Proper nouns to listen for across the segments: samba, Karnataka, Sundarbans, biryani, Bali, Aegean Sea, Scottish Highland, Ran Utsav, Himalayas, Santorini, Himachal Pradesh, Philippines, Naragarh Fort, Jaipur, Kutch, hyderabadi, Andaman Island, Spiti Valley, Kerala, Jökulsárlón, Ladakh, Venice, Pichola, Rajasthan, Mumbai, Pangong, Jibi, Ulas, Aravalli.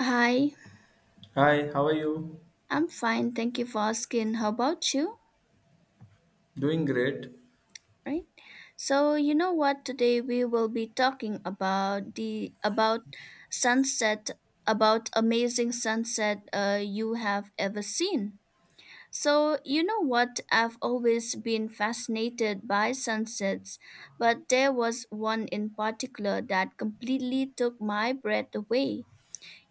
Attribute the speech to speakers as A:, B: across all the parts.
A: Hi,
B: Hi, how are you?
A: I'm fine. Thank you for asking. How about you?
B: Doing great.
A: Right? So, you know what? Today we will be talking about the about sunset, about amazing sunset you have ever seen. So, you know what? I've always been fascinated by sunsets, but there was one in particular that completely took my breath away.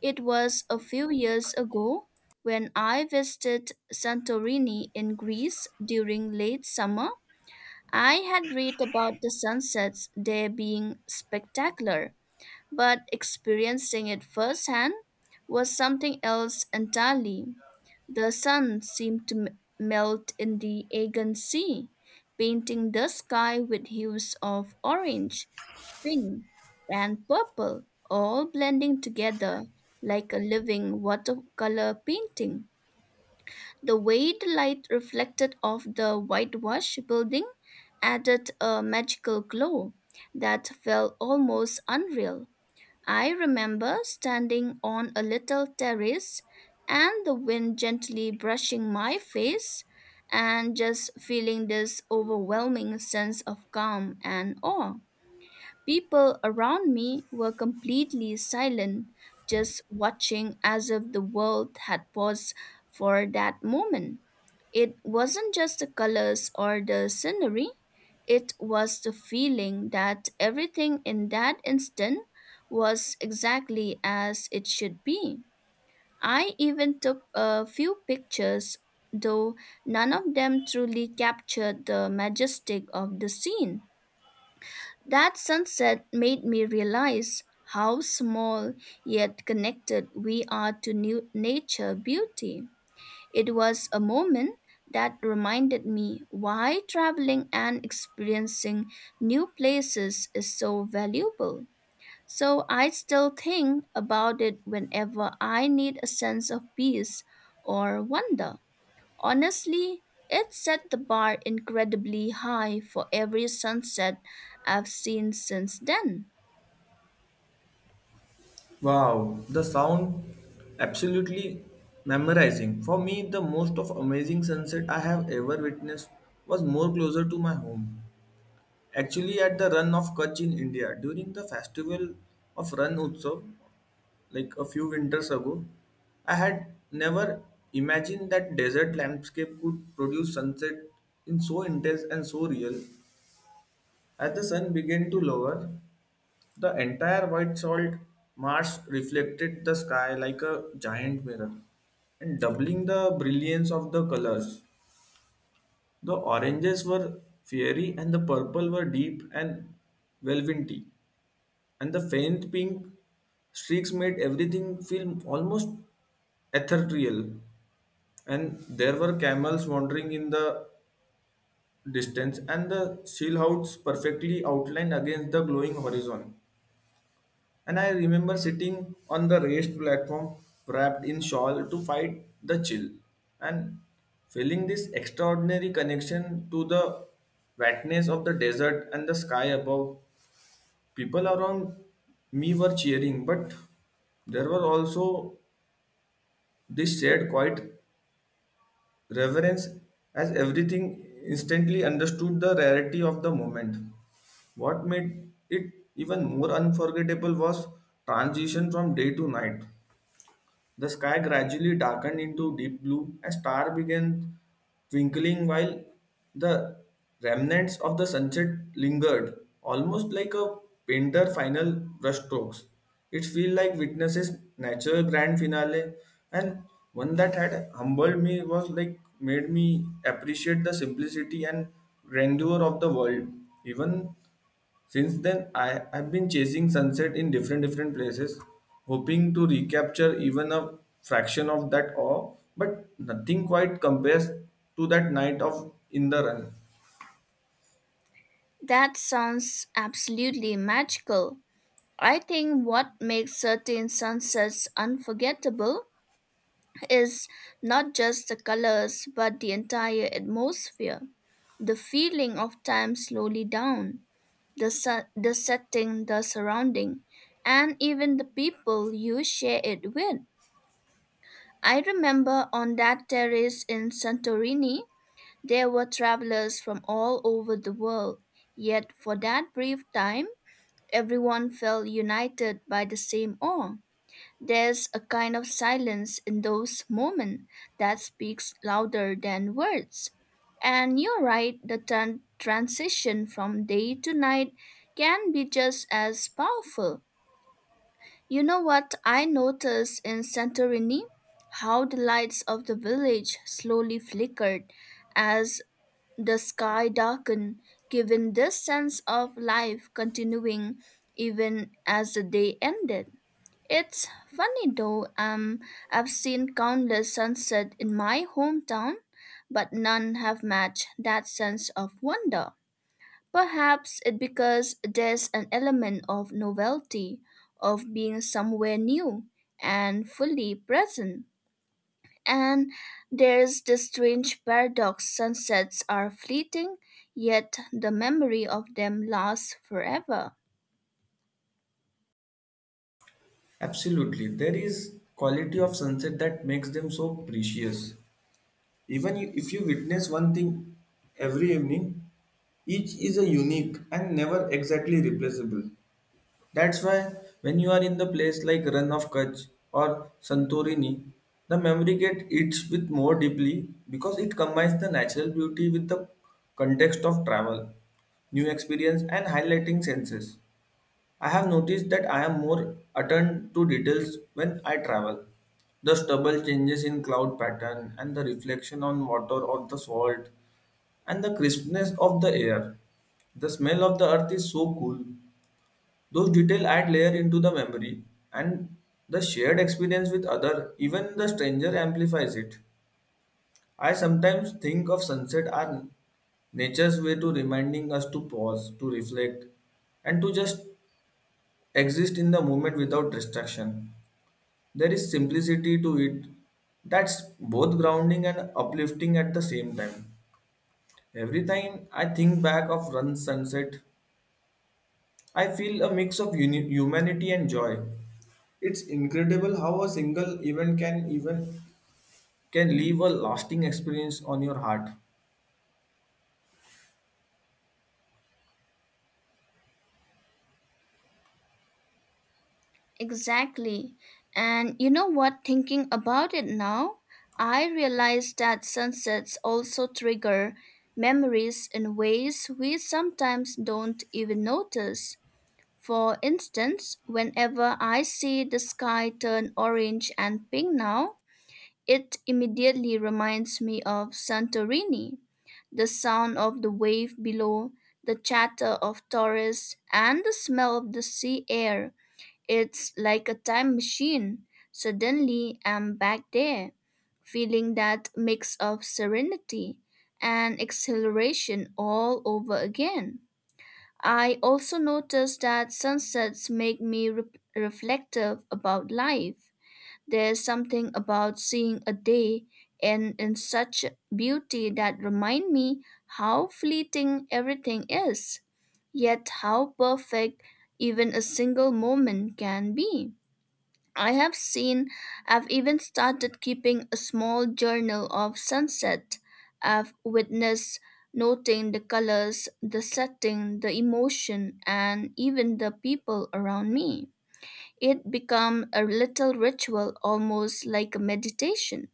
A: It was a few years ago when I visited Santorini in Greece during late summer. I had read about the sunsets there being spectacular, but experiencing it firsthand was something else entirely. The sun seemed to melt in the Aegean Sea, painting the sky with hues of orange, pink, and purple, all blending together like a living watercolor painting. The way the light reflected off the whitewash building added a magical glow that felt almost unreal. I remember standing on a little terrace and the wind gently brushing my face and just feeling this overwhelming sense of calm and awe. People around me were completely silent, just watching as if the world had paused for that moment. It wasn't just the colors or the scenery, it was the feeling that everything in that instant was exactly as it should be. I even took a few pictures, though none of them truly captured the majestic of the scene. That sunset made me realize how small yet connected we are to new nature beauty. It was a moment that reminded me why traveling and experiencing new places is so valuable. So I still think about it whenever I need a sense of peace or wonder. Honestly, it set the bar incredibly high for every sunset I've seen since then.
B: Wow, the sound absolutely memorizing. For me, the most of amazing sunset I have ever witnessed was more closer to my home. Actually, at the run of Kutch in India during the festival of Ran Utsav, like a few winters ago, I had never imagined that desert landscape could produce sunset in so intense and so real. As the sun began to lower, the entire white salt marsh reflected the sky like a giant mirror, and doubling the brilliance of the colors. The oranges were fiery, and the purple were deep and velvety, and the faint pink streaks made everything feel almost ethereal. And there were camels wandering in the distance, and the seal houses perfectly outlined against the glowing horizon. And I remember sitting on the raised platform wrapped in shawl to fight the chill and feeling this extraordinary connection to the wetness of the desert and the sky above. People around me were cheering, but there were also this shared quiet reverence as everything instantly understood the rarity of the moment. What made it even more unforgettable was transition from day to night. The sky gradually darkened into deep blue. A star began twinkling while the remnants of the sunset lingered, almost like a painter's final brushstrokes. It felt like witnesses natural grand finale, and one that had humbled me was like made me appreciate the simplicity and grandeur of the world, even since then, I have been chasing sunset in different places, hoping to recapture even a fraction of that awe, but nothing quite compares to that night of in the run.
A: That sounds absolutely magical. I think what makes certain sunsets unforgettable is not just the colors but the entire atmosphere. The feeling of time slowly down, the setting, the surrounding, and even the people you share it with. I remember on that terrace in Santorini, there were travelers from all over the world, yet for that brief time, everyone felt united by the same awe. There's a kind of silence in those moments that speaks louder than words. And you're right, the transition from day to night can be just as powerful. You know what I noticed in Santorini? How the lights of the village slowly flickered as the sky darkened, giving this sense of life continuing even as the day ended. It's funny though, I've seen countless sunsets in my hometown, but none have matched that sense of wonder. Perhaps it's because there's an element of novelty, of being somewhere new and fully present. And there's the strange paradox sunsets are fleeting, yet the memory of them lasts forever.
B: Absolutely. There is quality of sunset that makes them so precious. Even you- if you witness one thing every evening, each is a unique and never exactly replaceable. That's why when you are in the place like Run of Kutch or Santorini, the memory gets eats with more deeply because it combines the natural beauty with the context of travel, new experience and highlighting senses. I have noticed that I am more attuned to details when I travel. The stubble changes in cloud pattern and the reflection on water or the salt and the crispness of the air. The smell of the earth is so cool those details add layer into the memory and the shared experience with other, even the stranger amplifies it. I sometimes think of sunset as nature's way to reminding us to pause, to reflect, and to just exist in the moment without distraction. There is simplicity to it that's both grounding and uplifting at the same time. Every time I think back of run sunset, I feel a mix of humanity and joy. It's incredible how a single event can leave a lasting experience on your heart.
A: Exactly. And you know what, thinking about it now, I realize that sunsets also trigger memories in ways we sometimes don't even notice. For instance, whenever I see the sky turn orange and pink now, it immediately reminds me of Santorini, the sound of the wave below, the chatter of tourists, and the smell of the sea air. It's like a time machine. Suddenly, I'm back there, feeling that mix of serenity and exhilaration all over again. I also noticed that sunsets make me reflective about life. There's something about seeing a day and in such beauty that remind me how fleeting everything is, yet how perfect even a single moment can be. I have seen, I've even started keeping a small journal of sunset. I've witnessed noting the colors, the setting, the emotion, and even the people around me. It become a little ritual almost like a meditation.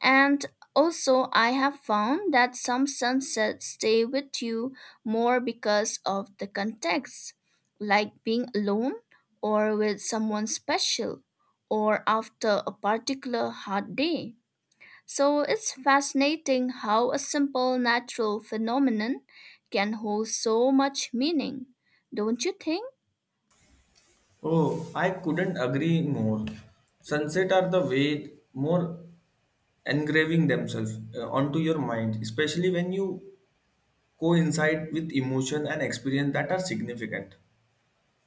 A: And also, I have found that some sunsets stay with you more because of the context, like being alone or with someone special or after a particular hard day. So it's fascinating how a simple natural phenomenon can hold so much meaning, don't you think?
B: Oh, I couldn't agree more. Sunset are the way more engraving themselves onto your mind, especially when you coincide with emotion and experience that are significant.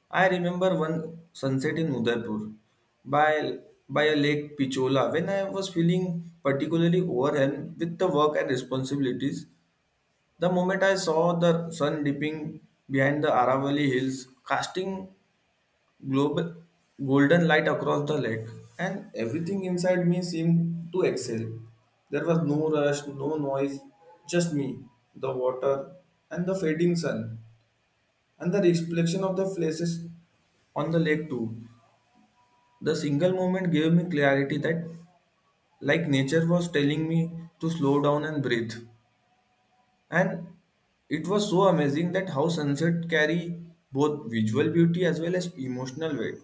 B: I remember one sunset in Udaipur by, by a lake Pichola when I was feeling particularly overwhelmed with the work and responsibilities. The moment I saw the sun dipping behind the Aravalli hills, casting global, golden light across the lake, and everything inside me seemed to excel. There was no rush, no noise, just me, the water, and the fading sun, and the reflection of the faces on the lake too. The single moment gave me clarity that, like, nature was telling me to slow down and breathe. And it was so amazing that how sunset carry both visual beauty as well as emotional weight.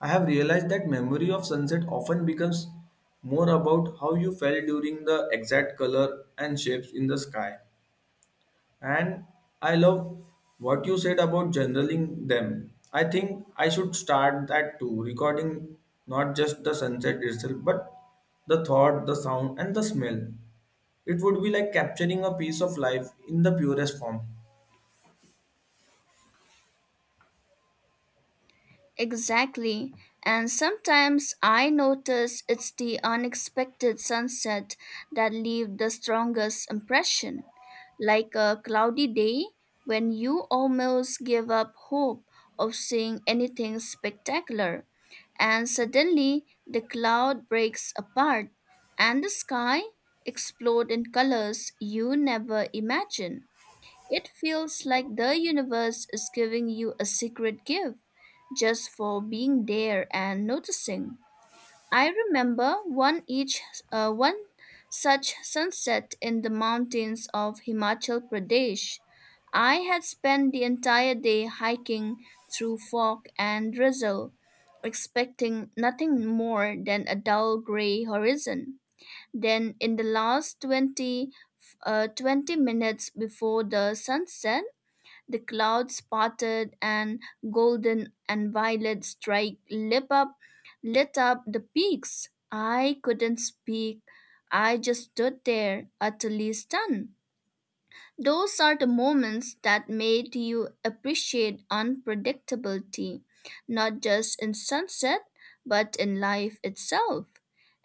B: I have realized that memory of sunset often becomes more about how you felt during the exact color and shapes in the sky. And I love what you said about generaling them. I think I should start that too, recording not just the sunset itself, but the thought, the sound, and the smell. It would be like capturing a piece of life in the purest form.
A: Exactly. And sometimes I notice it's the unexpected sunset that leave the strongest impression, like a cloudy day when you almost give up hope of seeing anything spectacular, and suddenly the cloud breaks apart and the sky explode in colors you never imagined. It feels like the universe is giving you a secret gift just for being there and noticing. I remember one such sunset in the mountains of Himachal Pradesh. I had spent the entire day hiking through fog and drizzle, expecting nothing more than a dull gray horizon. Then in the last 20 minutes before the sunset, the clouds parted, and golden and violet strike lit up the peaks. I couldn't speak. I just stood there, utterly stunned. Those are the moments that made you appreciate unpredictability, not just in sunset, but in life itself.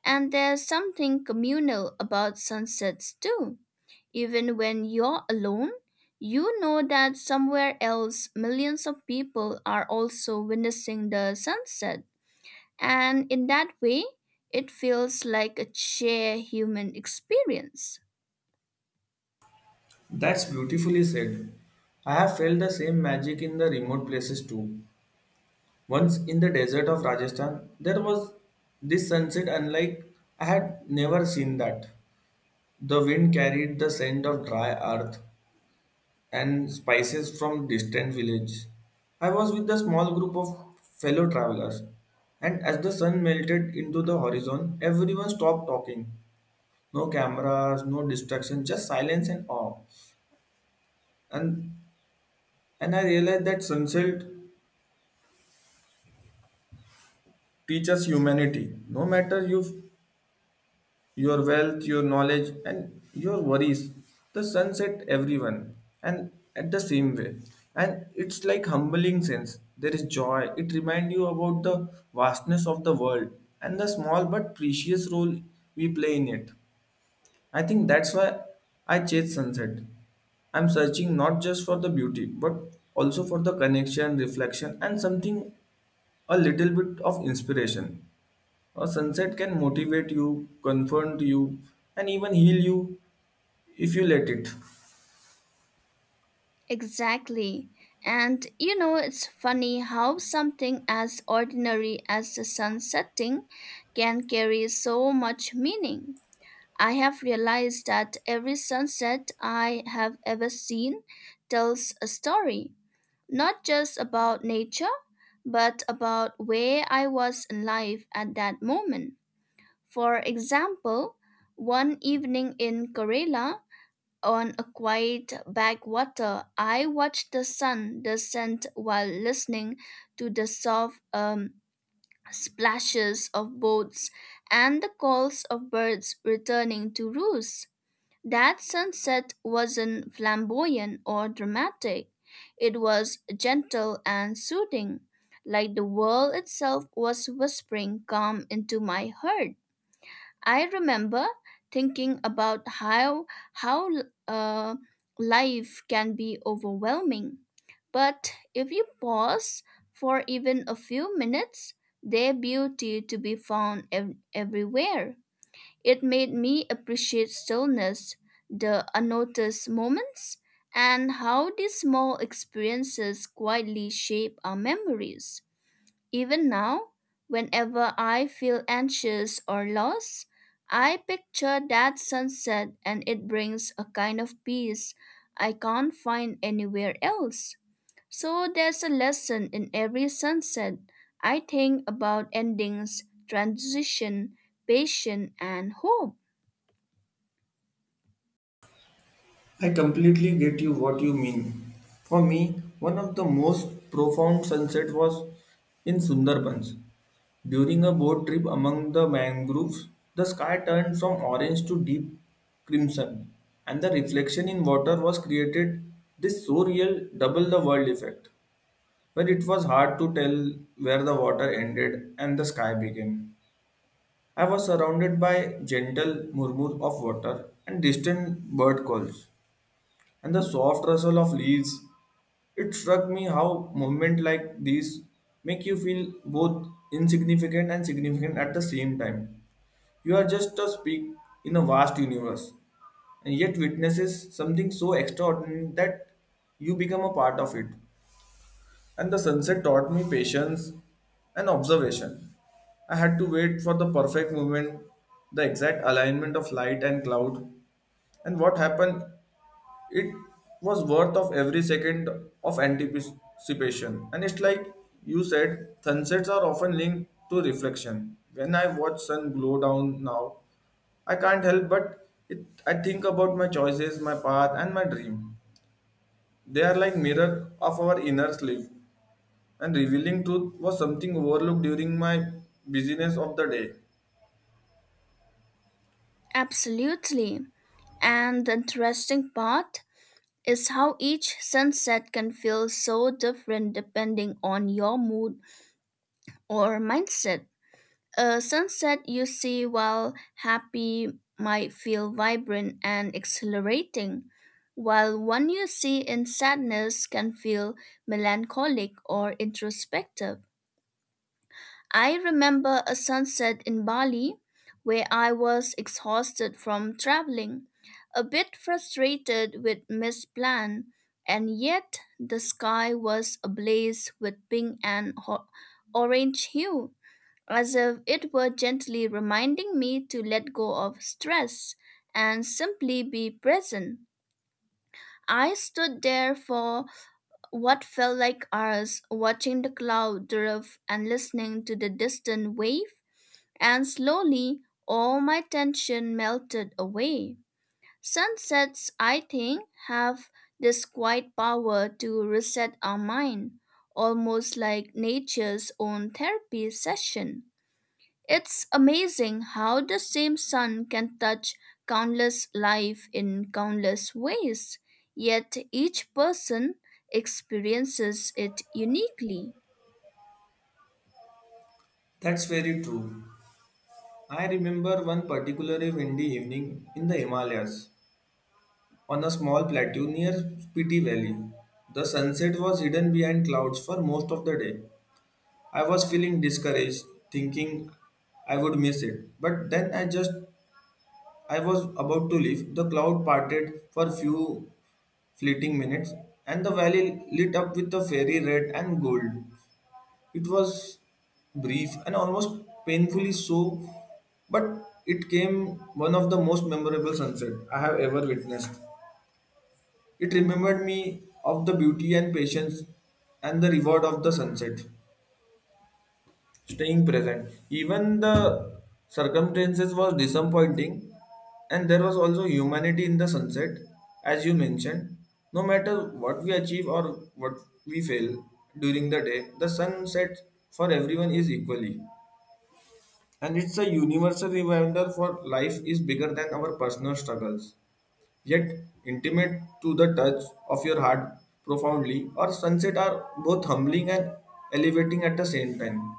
A: And there's something communal about sunsets too. Even when you're alone, you know that somewhere else millions of people are also witnessing the sunset. And in that way, it feels like a shared human experience.
B: That's beautifully said. I have felt the same magic in the remote places too. Once in the desert of Rajasthan, there was this sunset unlike I had never seen that. The wind carried the scent of dry earth, and spices from distant village. I was with a small group of fellow travelers, and as the sun melted into the horizon, everyone stopped talking. No cameras, no distractions, just silence and awe. And and I realized that sunset teaches humanity. No matter you your wealth, your knowledge, and your worries. The sunset everyone, and at the same way. And it's like humbling sense. There is joy. It reminds you about the vastness of the world and the small but precious role we play in it. I think that's why I chase sunset. I'm searching not just for the beauty, but also for the connection, reflection, and something a little bit of inspiration. A sunset can motivate you, confront you, and even heal you if you let it.
A: Exactly. And you know, it's funny how something as ordinary as the sun setting can carry so much meaning. I have realized that every sunset I have ever seen tells a story not just about nature, but about where I was in life at that moment. For example, one evening in Kerala, on a quiet backwater, I watched the sun descend while listening to the soft splashes of boats and the calls of birds returning to roost. That sunset wasn't flamboyant or dramatic. It was gentle and soothing, like the world itself was whispering calm into my heart. I remember thinking about how uh, life can be overwhelming. But if you pause for even a few minutes, there's beauty to be found everywhere. It made me appreciate stillness, the unnoticed moments, and how these small experiences quietly shape our memories. Even now, whenever I feel anxious or lost, I picture that sunset and it brings a kind of peace I can't find anywhere else. So there's a lesson in every sunset. I think about endings, transition, patience, and hope.
B: I completely get you what you mean. For me, one of the most profound sunset was in Sundarbans. During a boat trip among the mangroves, the sky turned from orange to deep crimson, and the reflection in water was created this so real double the world effect, where it was hard to tell where the water ended and the sky began. I was surrounded by gentle murmur of water and distant bird calls, and the soft rustle of leaves. It struck me how movement like these make you feel both insignificant and significant at the same time. You are just a speck in a vast universe, and yet witnesses something so extraordinary that you become a part of it and the sunset taught me patience and observation. I had to wait for the perfect moment, the exact alignment of light and cloud, and what happened, it was worth of every second of anticipation. And it's like you said, sunsets are often linked to reflection. When I watch sun glow down now, I can't help but it, I think about my choices, my path, and my dream. They are like mirror of our inner sleep. And revealing truth was something overlooked during my busyness of the day.
A: Absolutely. And the interesting part is how each sunset can feel so different depending on your mood or mindset. A sunset you see while happy might feel vibrant and exhilarating, while one you see in sadness can feel melancholic or introspective. I remember a sunset in Bali where I was exhausted from traveling, a bit frustrated with missed plan, and yet the sky was ablaze with pink and orange hue, as if it were gently reminding me to let go of stress and simply be present. I stood there for what felt like hours, watching the cloud drift and listening to the distant wave, and slowly all my tension melted away. Sunsets, I think, have this quiet power to reset our mind, almost like nature's own therapy session. It's amazing how the same sun can touch countless life in countless ways, yet each person experiences it uniquely.
B: That's very true. I remember one particularly windy evening in the Himalayas on a small plateau near Spiti Valley. The sunset was hidden behind clouds for most of the day. I was feeling discouraged, thinking I would miss it. But then I just I was about to leave. The cloud parted for few fleeting minutes and the valley lit up with a fairy red and gold. It was brief and almost painfully so, but it came one of the most memorable sunset I have ever witnessed. It remembered me of the beauty and patience and the reward of the sunset. Staying present, even the circumstances was disappointing, and there was also humanity in the sunset, as you mentioned. No matter what we achieve or what we fail during the day, the sunset for everyone is equally. And it's a universal reminder for life is bigger than our personal struggles, yet intimate to the touch of your heart profoundly. Or sunset are both humbling and elevating at the same time,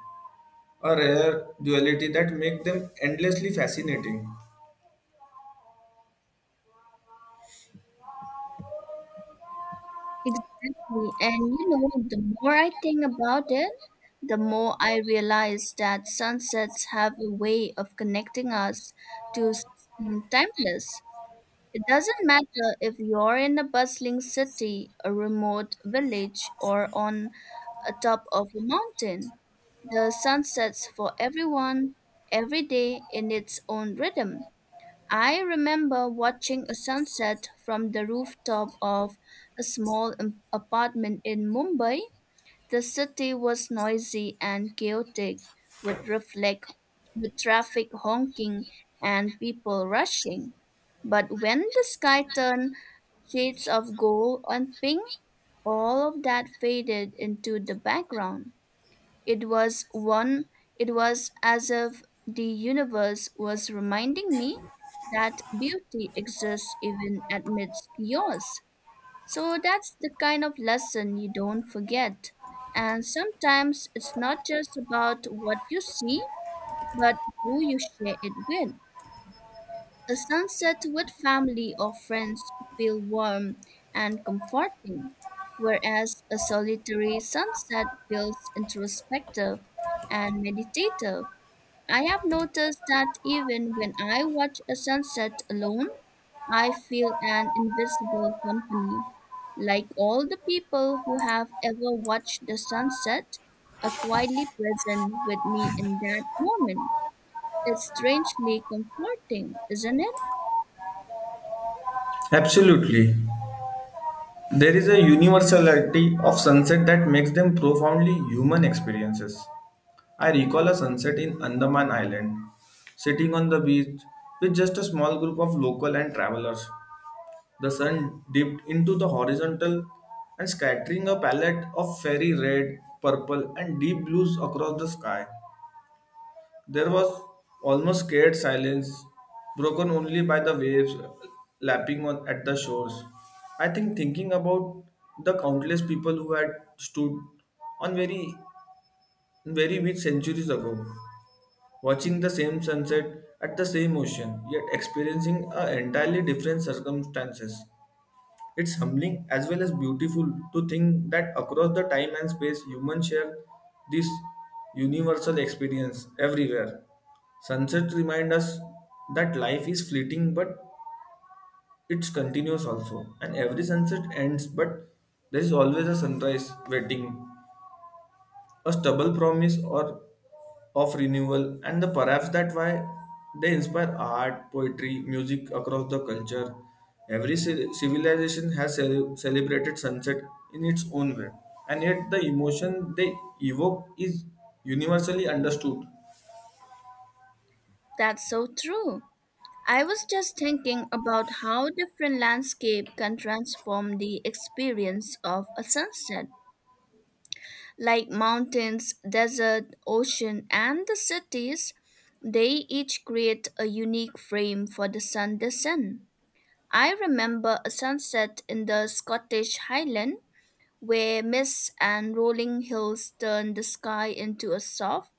B: a rare duality that make them endlessly fascinating.
A: Exactly. And you know, the more I think about it, the more I realize that sunsets have a way of connecting us to something timeless. It doesn't matter if you're in a bustling city, a remote village, or on a top of a mountain. The sun sets for everyone, every day in its own rhythm. I remember watching a sunset from the rooftop of a small apartment in Mumbai. The city was noisy and chaotic, with reflect with traffic honking and people rushing. But when the sky turned shades of gold and pink, all of that faded into the background. It was one it was as if the universe was reminding me that beauty exists even amidst chaos. So that's the kind of lesson you don't forget. And sometimes it's not just about what you see, but who you share it with. A sunset with family or friends feel warm and comforting, whereas a solitary sunset feels introspective and meditative. I have noticed that even when I watch a sunset alone, I feel an invisible company. Like all the people who have ever watched the sunset are quietly present with me in that moment. It's strangely comforting, isn't it?
B: Absolutely. There is a universality of sunset that makes them profoundly human experiences. I recall a sunset in Andaman Island, sitting on the beach with just a small group of local and travelers. The sun dipped into the horizontal and scattering a palette of fairy red, purple, and deep blues across the sky. There was almost scared silence, broken only by the waves lapping on at the shores. I think thinking about the countless people who had stood on very rich centuries ago, watching the same sunset at the same ocean, yet experiencing a entirely different circumstances. It's humbling as well as beautiful to think that across the time and space, humans share this universal experience everywhere. Sunset remind us that life is fleeting, but it's continuous also. And every sunset ends, but there is always a sunrise waiting a stubble promise or of renewal and the perhaps that why they inspire art poetry music across the culture every civilization has celebrated sunset in its own way and yet the emotion they evoke is universally understood.
A: That's so true. I was just thinking about how different landscape can transform the experience of a sunset. Like mountains, desert, ocean, and the cities, they each create a unique frame for the sun descent. I remember a sunset in the Scottish Highland where mists and rolling hills turned the sky into a soft,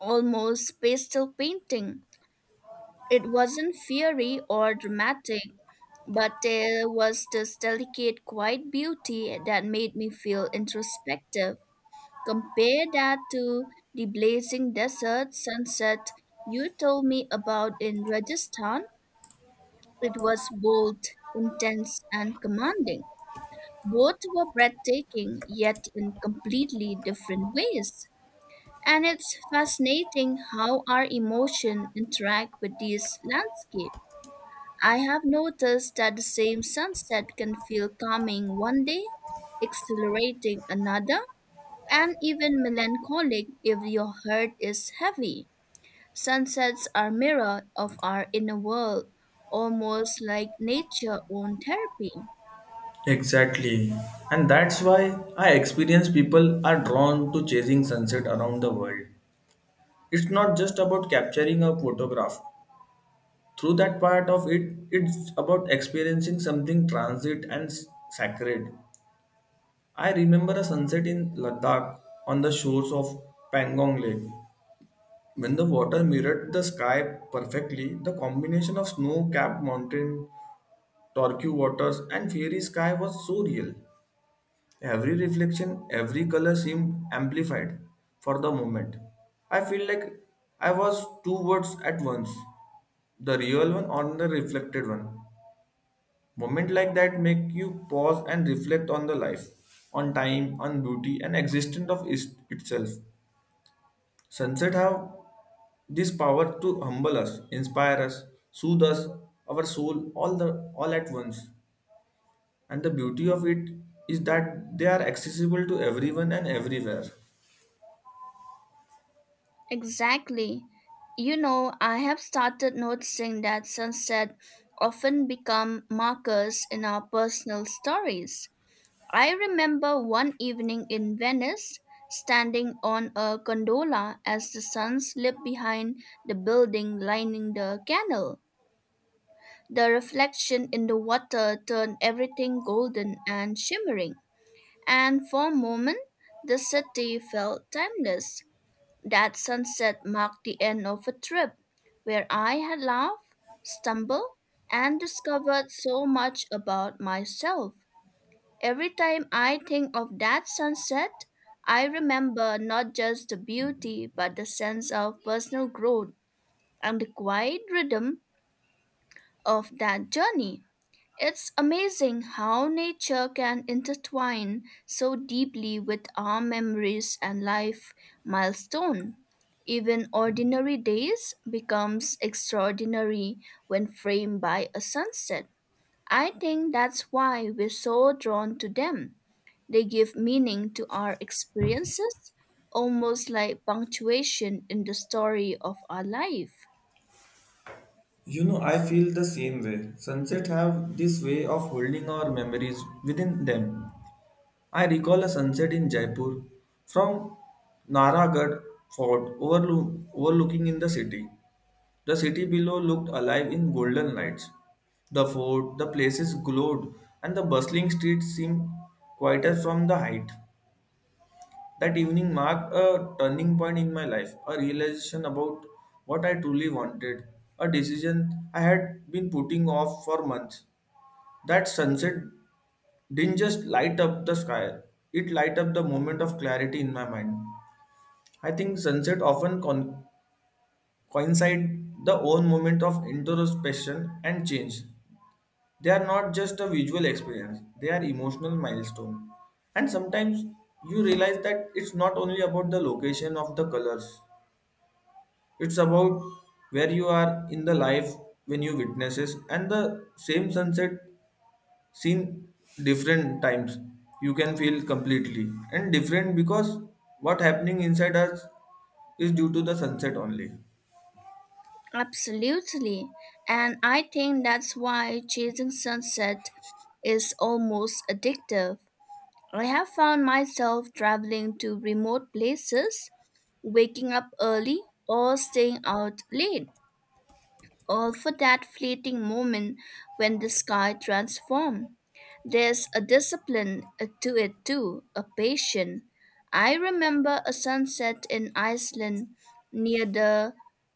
A: almost pastel painting. It wasn't fiery or dramatic, but there was this delicate, quiet beauty that made me feel introspective. Compare that to the blazing desert sunset you told me about in Rajasthan. It was bold, intense, and commanding. Both were breathtaking, yet in completely different ways. And it's fascinating how our emotion interact with these landscapes. I have noticed that the same sunset can feel calming one day, exhilarating another, and even melancholic if your heart is heavy. Sunsets are mirror of our inner world, almost like nature own therapy.
B: Exactly. And that's why I experience people are drawn to chasing sunset around the world. It's not just about capturing a photograph, through that part of it it's about experiencing something transit and sacred. I remember a sunset in Ladakh on the shores of Pangong lake when the water mirrored the sky perfectly. The combination of snow-capped mountain turquoise waters and fairy sky was so real. Every reflection every color seemed amplified. For the moment I feel like I was two worlds at once, the real one or the reflected one. Moment like that make you pause and reflect on the life, on time, on beauty, and existence of itself. Sunset have this power to humble us, inspire us, soothe us, our soul, all at once. And the beauty of it is that they are accessible to everyone and everywhere.
A: Exactly. You know, I have started noticing that sunset often become markers in our personal stories. I remember one evening in Venice, standing on a gondola as the sun slipped behind the building lining the canal. The reflection in the water turned everything golden and shimmering, and for a moment the city felt timeless. That sunset marked the end of a trip where I had laughed, stumbled, and discovered so much about myself. Every time I think of that sunset, I remember not just the beauty but the sense of personal growth and the quiet rhythm of that journey. It's amazing how nature can intertwine so deeply with our memories and life milestone. Even ordinary days becomes extraordinary when framed by a sunset. I think that's why we're so drawn to them. They give meaning to our experiences, almost like punctuation in the story of our life.
B: You know, I feel the same way. Sunset have this way of holding our memories within them. I recall a sunset in Jaipur from Naragarh overlooking in the city. The city below looked alive in golden lights. The fort, the places glowed, and the bustling streets seemed quieter from the height. That evening marked a turning point in my life, a realization about what I truly wanted, a decision I had been putting off for months. That sunset didn't just light up the sky, it light up the moment of clarity in my mind. I think sunset often coincide the own moment of introspection and change. They are not just a visual experience, they are emotional milestone. And sometimes you realize that it's not only about the location of the colors, it's about where you are in the life when you witnesses and the same sunset seen different times you can feel completely and different because what happening inside us is due to the sunset only.
A: Absolutely. And I think that's why chasing sunset is almost addictive. I have found myself traveling to remote places, waking up early, or staying out late or for that fleeting moment when the sky transforms. There's a discipline to it too, a patience. I remember a sunset in Iceland near the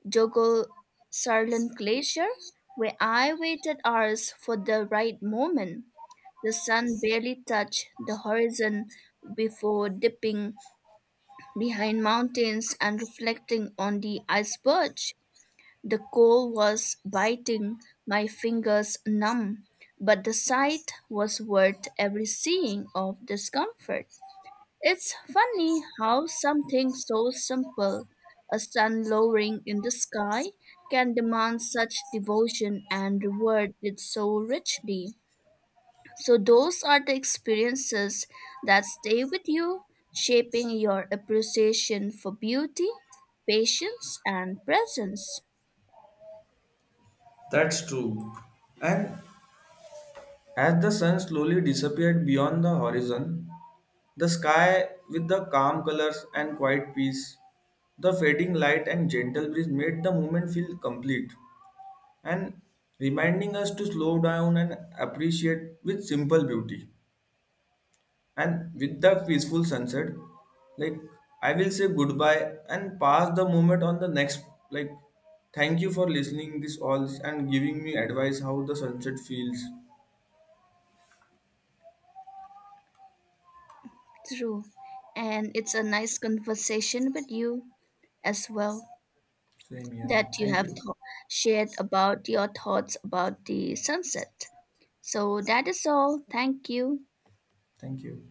A: Jökulsárlón glacier where I waited hours for the right moment. The sun barely touched the horizon before dipping behind mountains and reflecting on the iceberg. The cold was biting, my fingers numb, but the sight was worth every seeing of discomfort. It's funny how something so simple, a sun lowering in the sky, can demand such devotion and reward it so richly. So, those are the experiences that stay with you, shaping your appreciation for beauty, patience, and presence.
B: That's true. And as the sun slowly disappeared beyond the horizon the sky with the calm colors and quiet peace the fading light and gentle breeze made the moment feel complete and reminding us to slow down and appreciate with simple beauty. And with the peaceful sunset, like I will say goodbye and pass the moment on the next. Like, thank you for listening this all and giving me advice how the sunset feels.
A: True. And it's a nice conversation with you as well
B: Same here.
A: that you
B: Thank
A: have
B: you.
A: shared about your thoughts about the sunset. So that is all. Thank you.
B: Thank you.